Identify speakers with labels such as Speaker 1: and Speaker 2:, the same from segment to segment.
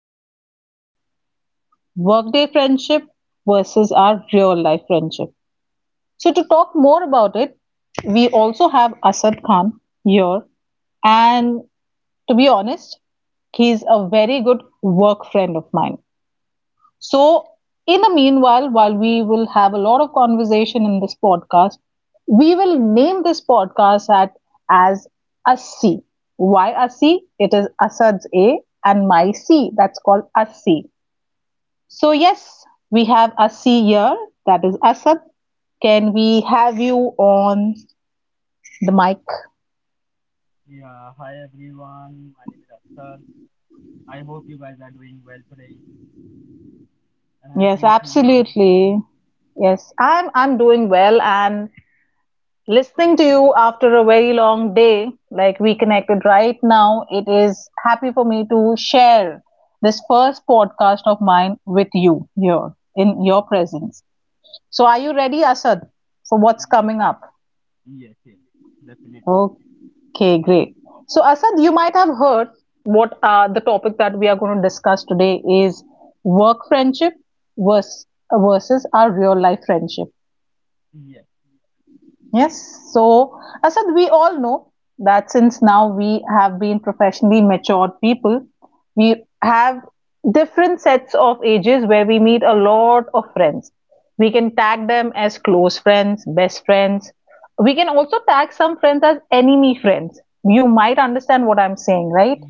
Speaker 1: it out loud. Workday friendship versus our real life friendship. So, to talk more about it, we also have Asad Khan here. And to be honest, he's a very good work friend of mine. So, in the meanwhile, while we will have a lot of conversation in this podcast, we will name this podcast at, as Assi. Why Assi? It is Asad's A and my C. That's called Assi. So, yes, we have Assi here. That is Asad. Can we have you on the mic? Yes, absolutely. Yes, I'm doing well and listening to you after a very long day, like we connected right now, it is happy for me to share this first podcast of mine with you here in your presence. So, are you ready, Asad, for what's coming up? Okay, great. So, Asad, you might have heard what the topic that we are going to discuss today is work friendship versus, versus our real life friendship. Yes. So, Asad, we all know that since now we have been professionally matured people, we have different sets of ages where we meet a lot of friends. We can tag them as close friends, best friends. We can also tag some friends as enemy friends. You might understand what I'm saying, right?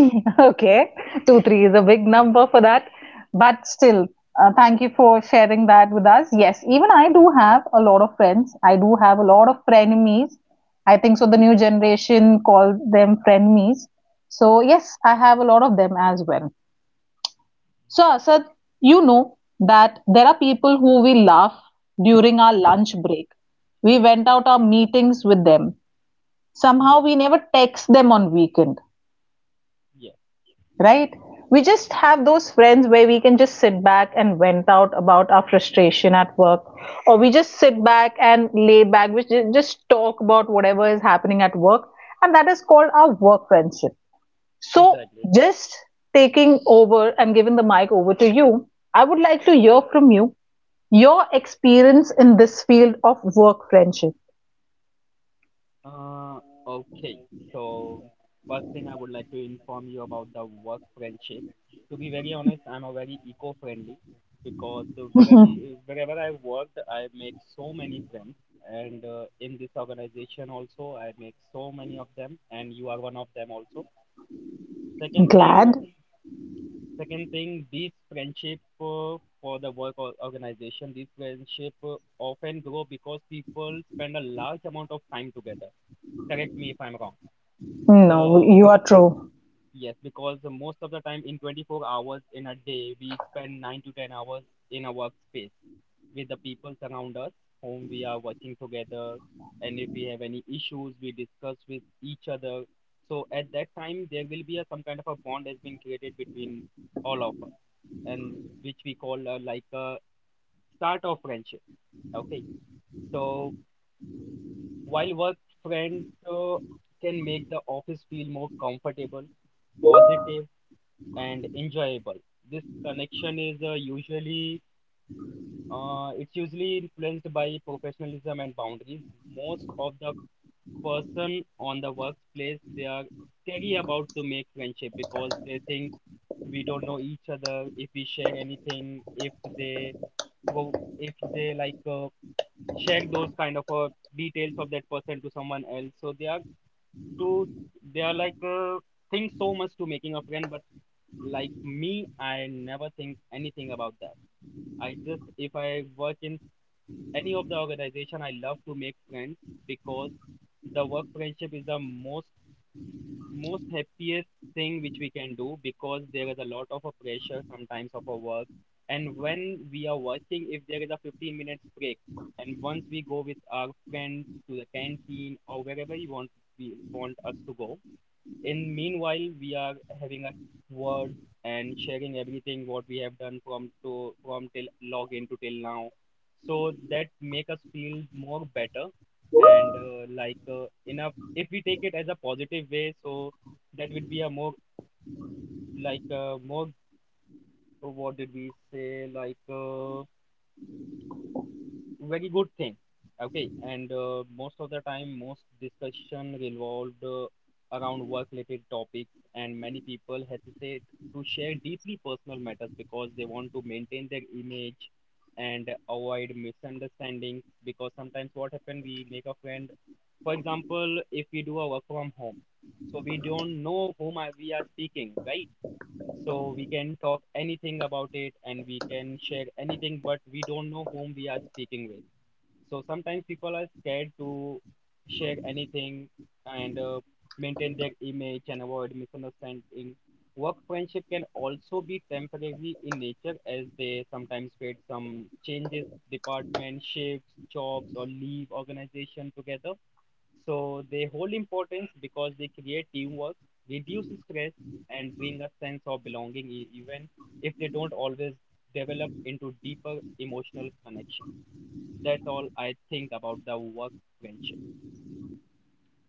Speaker 1: Okay, two, three is a big number for that, but still, thank you for sharing that with us. Yes, even I do have a lot of friends. I do have a lot of frenemies. I think so. The new generation call them frenemies. So yes, I have a lot of them as well. So Asad, you know that there are people who we laugh during our lunch break. We went out our meetings with them. Somehow we never text them on weekend, right? We just have those friends where we can just sit back and vent out about our frustration at work, or we just sit back and lay back, which just talk about whatever is happening at work, and that is called our work friendship. So, just taking over and giving the mic over to you, I would like to hear from you your experience in this field of work friendship. Glad? No, you are true.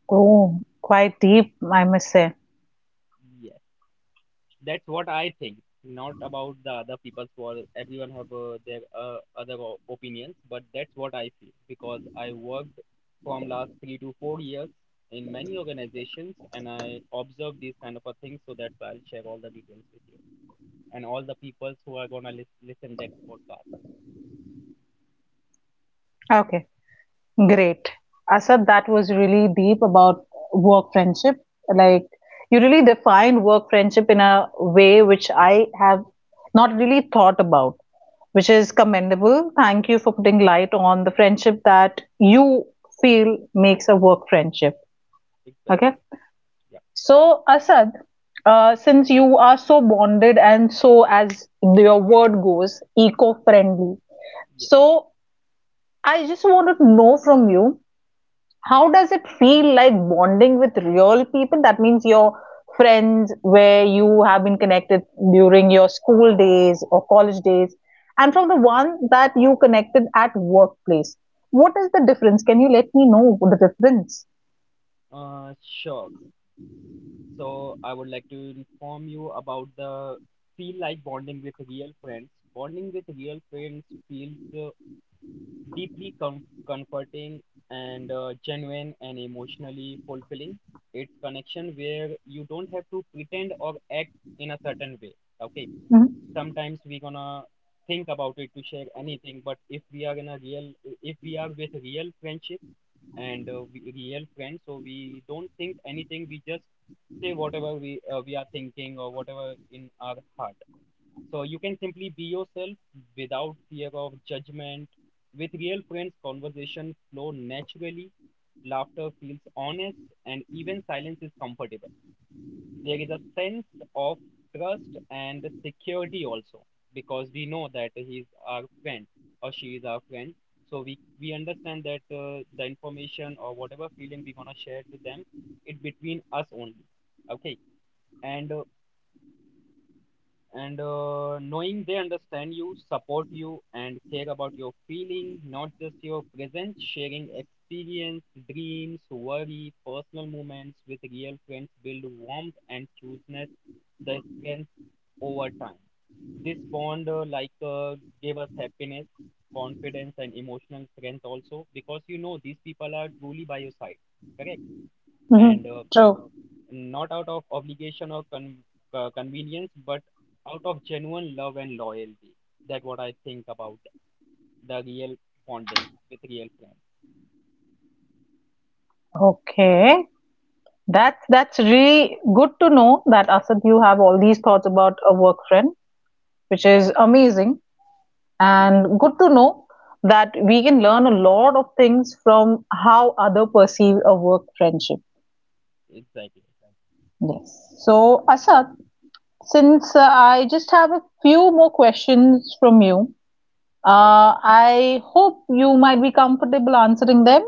Speaker 1: Oh, quite deep, I must say. Okay. Great. Asad, that was really deep about work friendship. Like, you really defined work friendship in a way which I have not really thought about, which is commendable. Thank you for putting light on the friendship that you feel makes a work friendship. Okay. So, Asad, since you are so bonded and so, as your word goes, eco friendly, so I just want to know from you, how does it feel like bonding with real people? That means your friends where you have been connected during your school days or college days, and from the one that you connected at workplace. What is the difference? Can you let me know the difference? Mm-hmm. Mm-hmm. True. Okay. That's really good to know that, Asad, you have all these thoughts about a work friend, which is amazing. And good to know that we can learn a lot of things from how other perceive a work friendship. Yes, so Asad, since I just have a few more questions from you. I hope you might be comfortable answering them.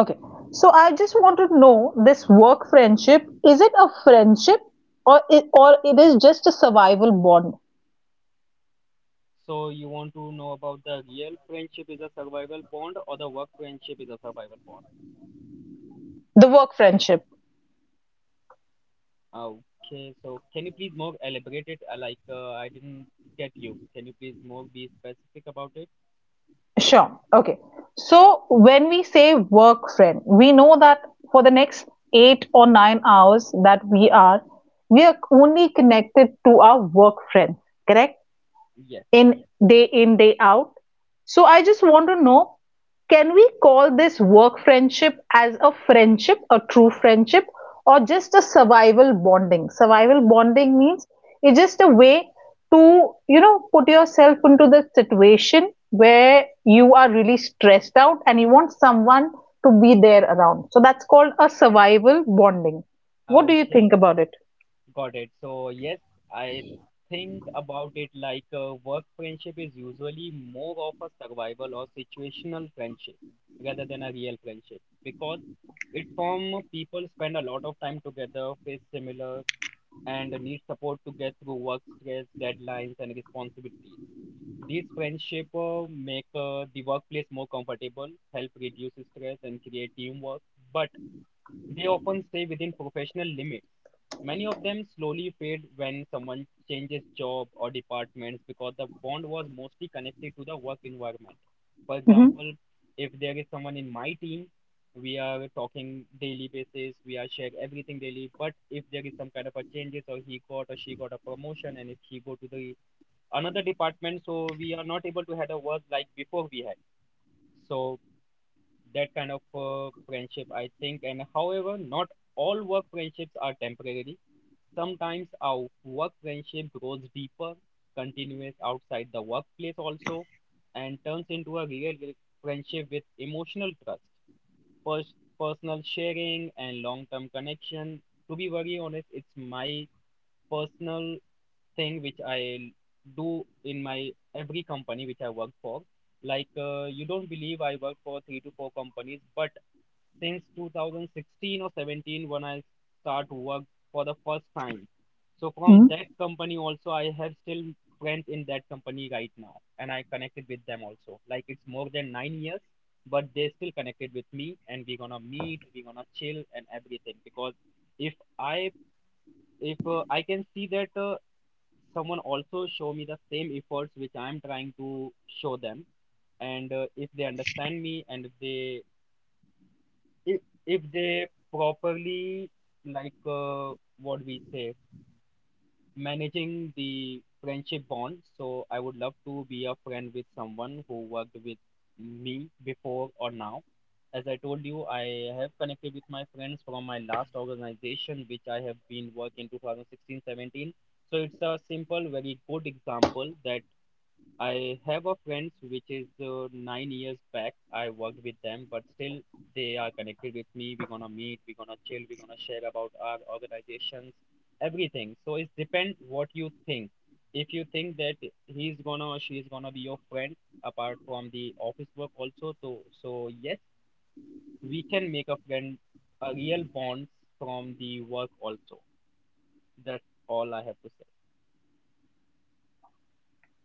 Speaker 1: Okay. So I just want to know, this work friendship, is it a friendship, or it is just a survival bond, the work friendship? Sure. Okay. So when we say work friend, we know that for the next 8 or 9 hours that we are only connected to our work friends, correct? In day in day out. So I just want to know, can we call this work friendship as a friendship, a true friendship, or just a survival bonding? Survival bonding means it's just a way to, you know, put yourself into the situation where you are really stressed out and you want someone to be there around. So that's called a survival bonding. What do you think about it? Mhm.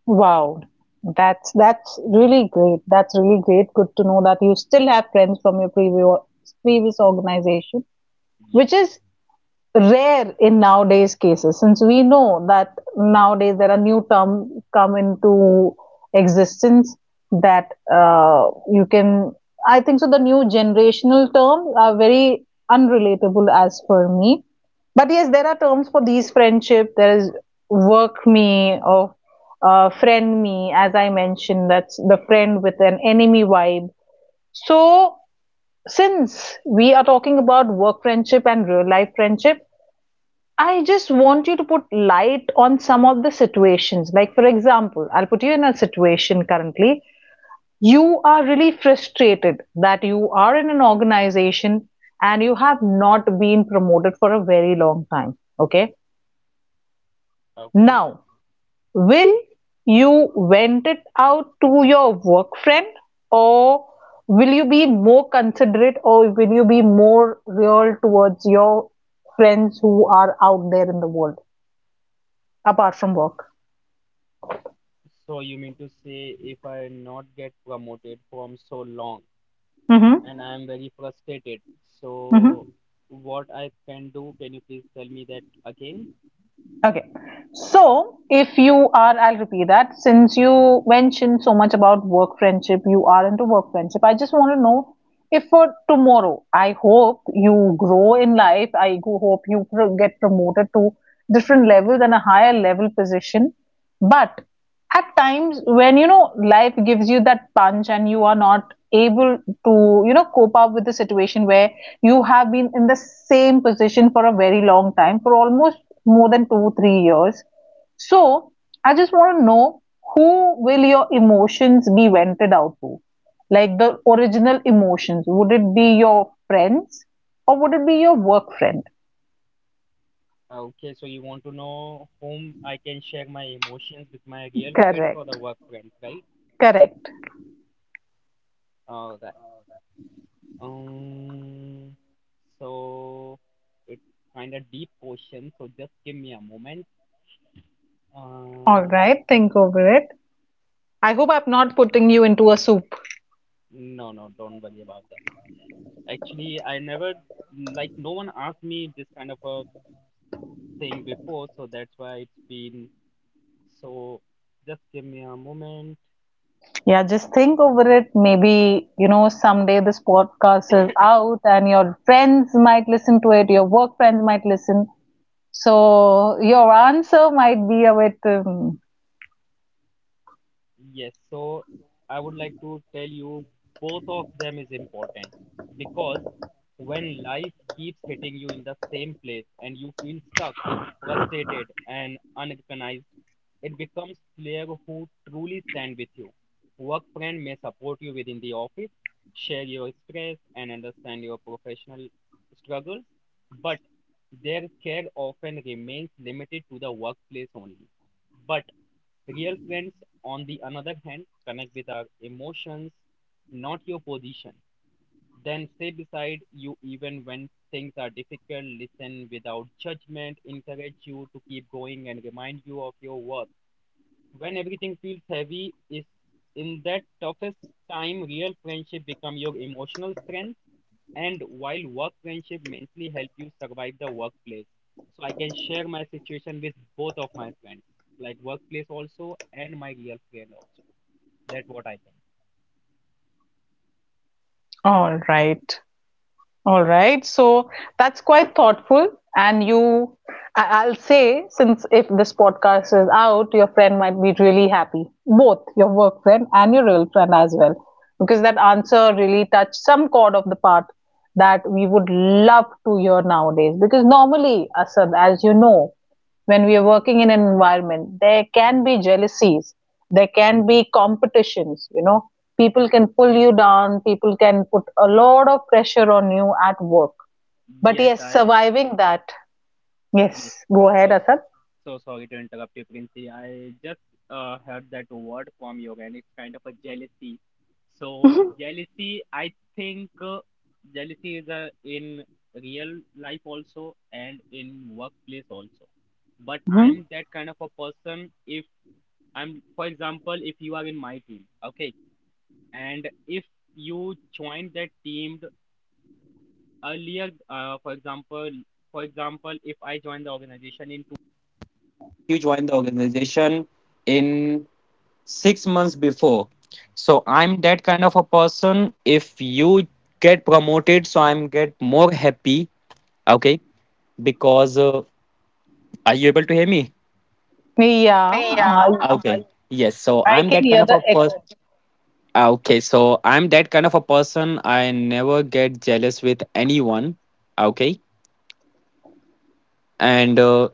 Speaker 1: Wow, that's really great. That's really great. Good to know that you still have friends from your previous organization, which is rare in nowadays cases, since we know that nowadays there are new terms come into existence that, you can, I think so, the new generational terms are very unrelatable as per me. But yes, there are terms for these friendship. There is work me or friend me, as I mentioned. That's the friend with an enemy vibe. So, since we are talking about work friendship and real life friendship, I just want you to put light on some of the situations. Like, for example, I'll put you in a situation currently. You are really frustrated that you are in an organization and you have not been promoted for a very long time. Okay. Now, will you vent it out to your work friend, or will you be more considerate, or will you be more real towards your friends who are out there in the world apart from work? Mm-hmm. Mm-hmm. Okay. So, if you are, I'll repeat that, since you mentioned so much about work friendship, you are into work friendship. I just want to know, if for tomorrow, I hope you grow in life, I hope you get promoted to different levels and a higher level position. But at times when you know life gives you that punch and you are not able to, you know, cope up with the situation where you have been in the same position for a very long time, for almost more than 2 3 years. So I just want to know, who will your emotions be vented out to? Like, the original emotions, would it be your friends, or would it be your work friend? Correct. Correct. All right, think over it. I hope I'm not putting you into a soup. Yeah, just think over it. Maybe, you know, someday this podcast is out and your friends might listen to it, your work friends might listen. So your answer might be a bit. All right. All right, so that's quite thoughtful. And you, I'll say, since if this podcast is out, your friend might be really happy, both your work friend and your real friend as well, because that answer really touched some chord of the part that we would love to hear nowadays. Because normally, Asad, as you know, when we are working in an environment, there can be jealousies, there can be competitions, you know, people can pull you down, people can put a lot of pressure on you at work, but yes, surviving that. Yes, go ahead, Asad. Hmm. Yeah,
Speaker 2: Yeah. Okay, I'm
Speaker 1: I
Speaker 2: that
Speaker 1: can
Speaker 2: kind of
Speaker 1: hear
Speaker 2: a
Speaker 1: the
Speaker 2: person.
Speaker 1: echo.
Speaker 2: Okay, so I'm that kind of a person. I never get jealous with anyone, and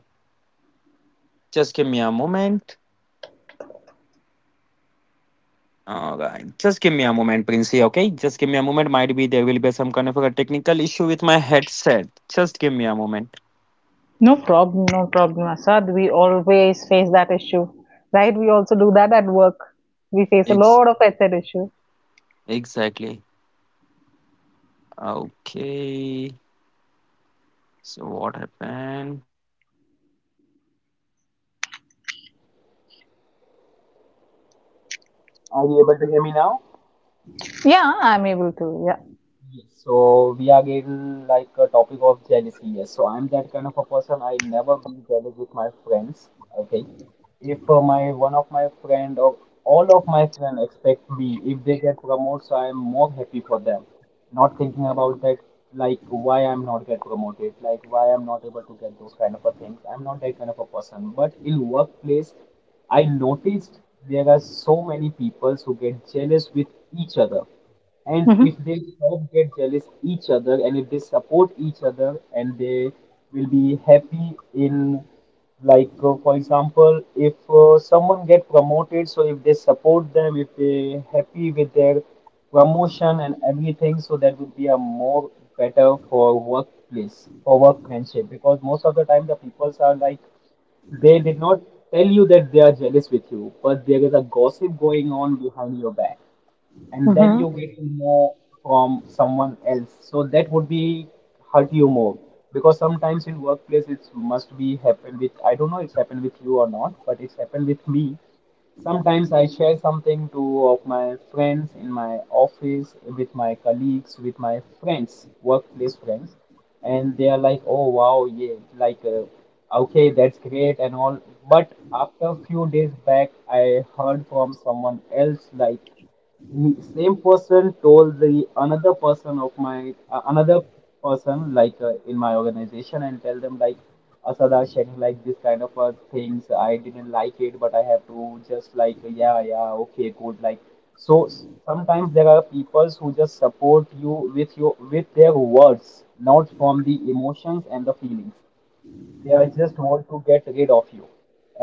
Speaker 2: there will be some kind of a technical issue with my headset. Just give me a moment.
Speaker 1: No problem, no problem, Asad, we always face that issue, right? We also do that at work, we face a
Speaker 2: Ex-
Speaker 1: lot of headset issue.
Speaker 2: exactly. Okay. So what happened? Are you able to hear me now?
Speaker 1: Yeah, I'm able to, yeah.
Speaker 2: Yes, so we are again like a topic of jealousy. Yes, so I'm that kind of a person. I never be jealous with my friends. Okay, if my one of my friend or all of my friend expect me, if they get promoted, so I'm more happy for them. Not thinking about that, like why I'm not get promoted, like why I'm not able to get those kind of a things. I'm not that kind of a person. But in workplace, I noticed there are so many people who get jealous with each other, and if they stop get jealous each other and if they support each other and they will be happy in like for example if someone get promoted, so if they support them, if they happy with their promotion and everything, so that would be a more better for workplace, for workmanship, because most of the time the peoples are like they did not tell you that they are jealous with you, but there is a gossip going on behind your back, and then
Speaker 1: Hmm.
Speaker 2: you get to know from someone else, so that would be hurt you more. Because sometimes in workplace it must be happen with, I don't know it's happened with you or not, but it's happened with me sometimes. I share something to of my friends in my office, with my colleagues, with my friends, workplace friends, and they are like, oh wow, yeah, like okay that's great and all, but after a few days back I heard from someone else, like the same person told the another person of my another person, like in my organization, and tell them like Asada sharing like this kind of things I didn't like it, but I have to just like yeah, yeah, okay, good, like. So sometimes there are people who just support you with your, with their words, not from the emotions and the feelings. They are just want to get rid of you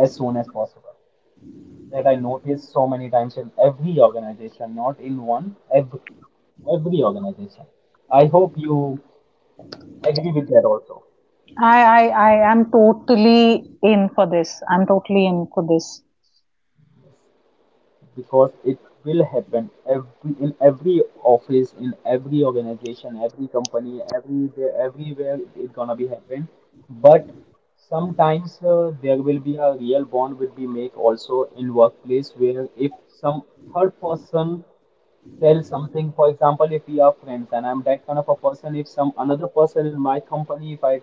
Speaker 2: as soon as possible. That I notice so many times in every organization, not in one, every organization. I hope you agree with that also.
Speaker 1: I, I, I am totally in for this. I'm totally in for this.
Speaker 2: Yes. Because it will happen every in every office, in every organization, every company, everywhere it's gonna be happen. But sometimes there will be a real bond will be make also in workplace, where if some third person tell something. For example, if we are friends and I'm that kind of a person, if some another person in my company, if I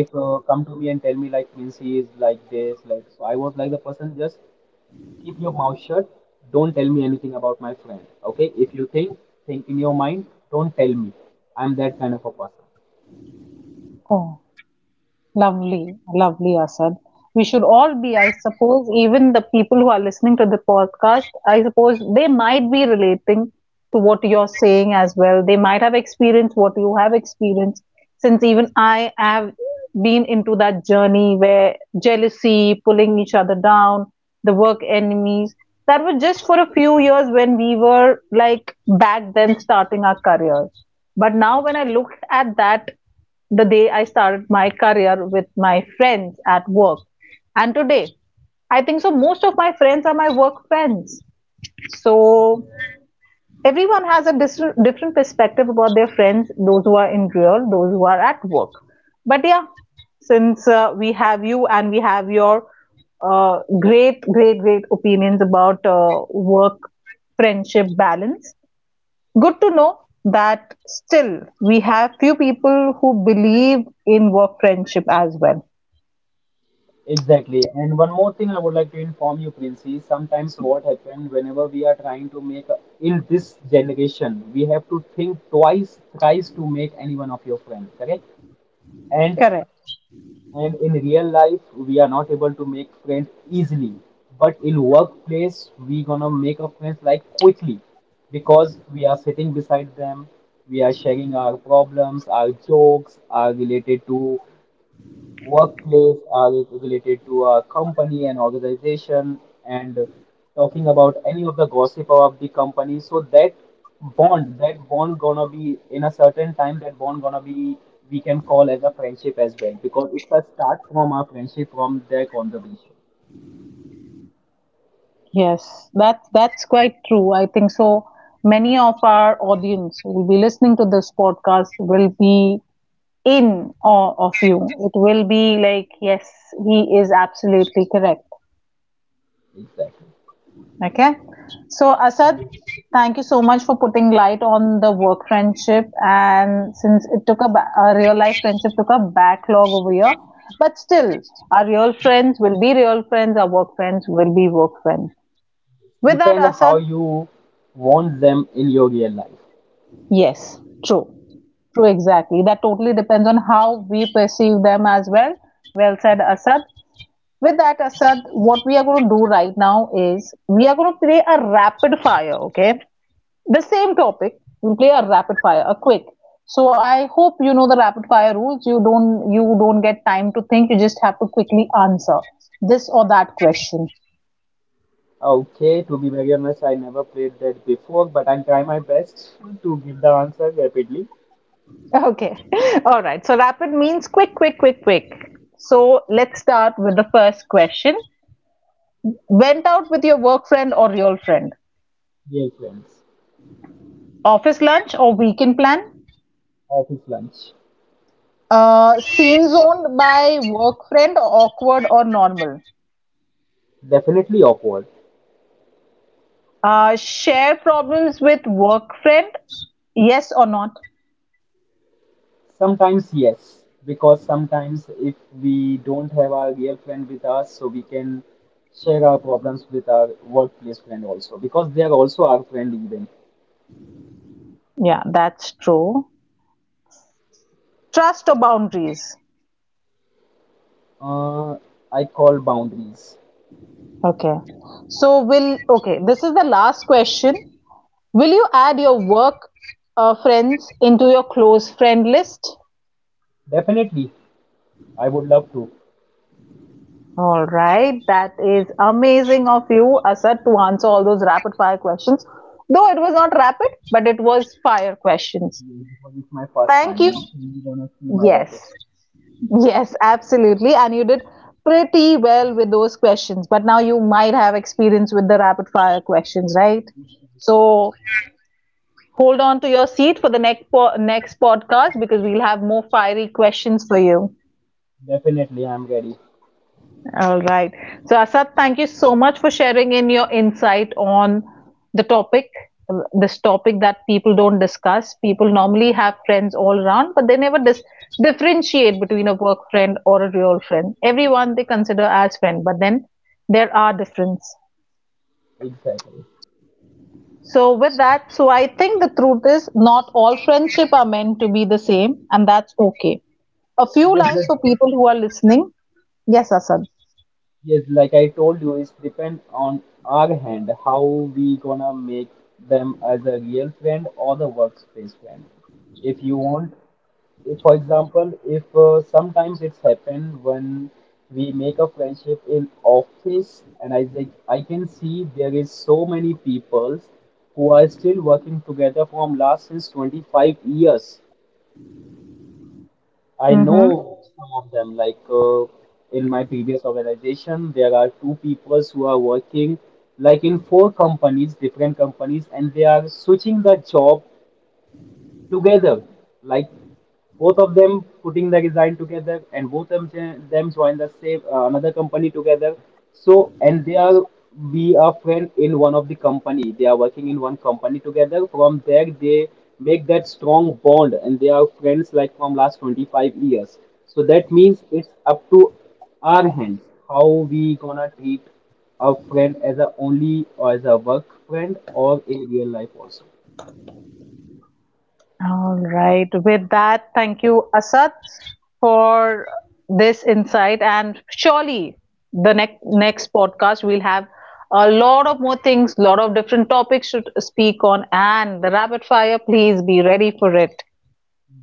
Speaker 2: if come to me and tell me like means he is like this, like, so I was like, the person, just keep your mouth shut, don't tell me anything about my friend. Okay, if you think in your mind, don't tell me. I'm that kind of a person.
Speaker 1: Oh. Lovely, lovely, Asad. We should all be, I suppose, even the people who are listening to the podcast, I suppose they might be relating to what you're saying as well. They might have experienced what you have experienced, since even I have been into that journey where jealousy, pulling each other down, the work enemies, that was just for a few years when we were like back then starting our careers. But now when I looked at that, the day I started my career with my friends at work. And today, I think so, most of my friends are my work friends. So, everyone has a different perspective about their friends, those who are in real, those who are at work. But yeah, since we have you and we have your great, great, great opinions about work friendship balance, good to know that still we have few people who believe in work friendship as well.
Speaker 2: Exactly. And one more thing I would like to inform you, Princey. Sometimes what happens whenever we are trying to make a, in this generation, we have to think twice, thrice to make any one of your friend, correct? And
Speaker 1: Correct.
Speaker 2: in real life, we are not able to make friends easily. But in workplace, we gonna make a friends like quickly because we are sitting beside them, we are sharing our problems, our jokes, are related to workplace, are related to a company and organization, and talking about any of the gossip of the company, so that bond gonna be in a certain time, that bond gonna be, we can call as a friendship as well because it's a start from a friendship, from their conversation.
Speaker 1: Yes, that's quite true. I think so many of our audience who will be listening to this podcast will be in awe of you. It will be like, yes, he is absolutely correct.
Speaker 2: Exactly.
Speaker 1: Okay. So, Asad, thank you so much for putting light on the work friendship. And since it took a, a real life friendship took a backlog over here, but still, our real friends will be real friends. Our work friends will be work friends. With that,
Speaker 2: Depend how
Speaker 1: Asad,
Speaker 2: you want them in your real life.
Speaker 1: yes, true, true, exactly. That totally depends on how we perceive them as well. Well said, Asad. With that, Asad, what we are going to do right now is we are going to play a rapid fire. Okay, the same topic, we'll play a rapid fire, a quick. So I hope you know the rapid fire rules. You don't get time to think, you just have to quickly answer this or that question.
Speaker 2: Okay, to be very honest, I never played that before, but I'll try my best to give the answer rapidly.
Speaker 1: Okay. All right, so rapid means quick, quick, quick, quick. So let's start with the first question. Went out with your work friend or real friend?
Speaker 2: Dear friends.
Speaker 1: Office lunch or weekend plan?
Speaker 2: Of his lunch.
Speaker 1: Seen zoned by work friend, awkward or normal?
Speaker 2: Definitely awkward.
Speaker 1: Share problems with work friend? Yes or not?
Speaker 2: Sometimes, yes, because sometimes if we don't have our real friend with us, so we can share our problems with our workplace friend also, because they are also our friend even.
Speaker 1: Yeah, that's true. Trust or boundaries?
Speaker 2: Uh, I call boundaries.
Speaker 1: Okay. So will, okay, this is the last question. Will you add your work friends into your close friend list?
Speaker 2: Definitely, I would love to.
Speaker 1: All right, that is amazing of you, Asad, to answer all those rapid fire questions. Though it was not rapid, but it was fire questions.
Speaker 2: Because it's my first
Speaker 1: Thank
Speaker 2: time.
Speaker 1: you.
Speaker 2: Next, week you're gonna see my
Speaker 1: Yes.
Speaker 2: rapid.
Speaker 1: Yes, absolutely. And you did pretty well with those questions. But now you might have experience with the rapid fire questions, right? So hold on to your seat for the next podcast because we'll have more fiery questions for you.
Speaker 2: Definitely, I'm ready.
Speaker 1: All right. So, Asad, thank you so much for sharing in your insight on the topic, this topic that people don't discuss. People normally have friends all around, but they never differentiate between a work friend or a real friend. Everyone they consider as friend, but then there are difference.
Speaker 2: Exactly.
Speaker 1: So, with that, so I think the truth is not all friendship are meant to be the same, and that's okay. A few
Speaker 2: Yes,
Speaker 1: lines
Speaker 2: yes.
Speaker 1: for people who are listening. Yes, Asad.
Speaker 2: Yes, like I told you, it's depend on our hand how we gonna make them as a real friend or the workspace friend. If you want, if, for example, if sometimes it's happened when we make a friendship in office, and I like I can see there is so many peoples who are still working together from last since 25 years. I
Speaker 1: Mm-hmm.
Speaker 2: know some of them. Like in my previous organization, there are two peoples who are working like in four companies, different companies, and they are switching the job together. Like both of them putting the design together and both of them join the same another company together. So and they are be a friend in one of the company, they are working in one company together, from there they make that strong bond, and they are friends like from last 25 years. So that means it's up to our hands how we gonna treat a friend as a only or as a work friend or in real life also.
Speaker 1: All right. With that, thank you, Asad, for this insight. And surely the next podcast we'll have a lot of more things, lot of different topics to speak on. And the rapid fire, please be ready for it.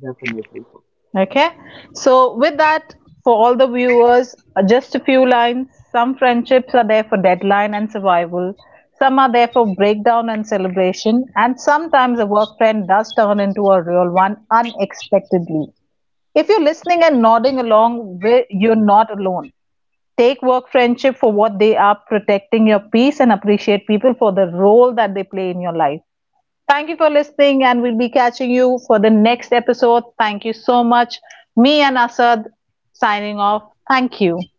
Speaker 2: Definitely.
Speaker 1: Okay, so with that, for all the viewers, just a few lines. Some friendships are there for deadline and survival, some are there for breakdown and celebration, and sometimes a work friend does turn into a real one unexpectedly. If you're listening and nodding along, you're not alone. Take work friendship for what they are, protecting your peace and appreciate people for the role that they play in your life. Thank you for listening, and we'll be catching you for the next episode. Thank you so much. Me and Asad signing off. Thank you.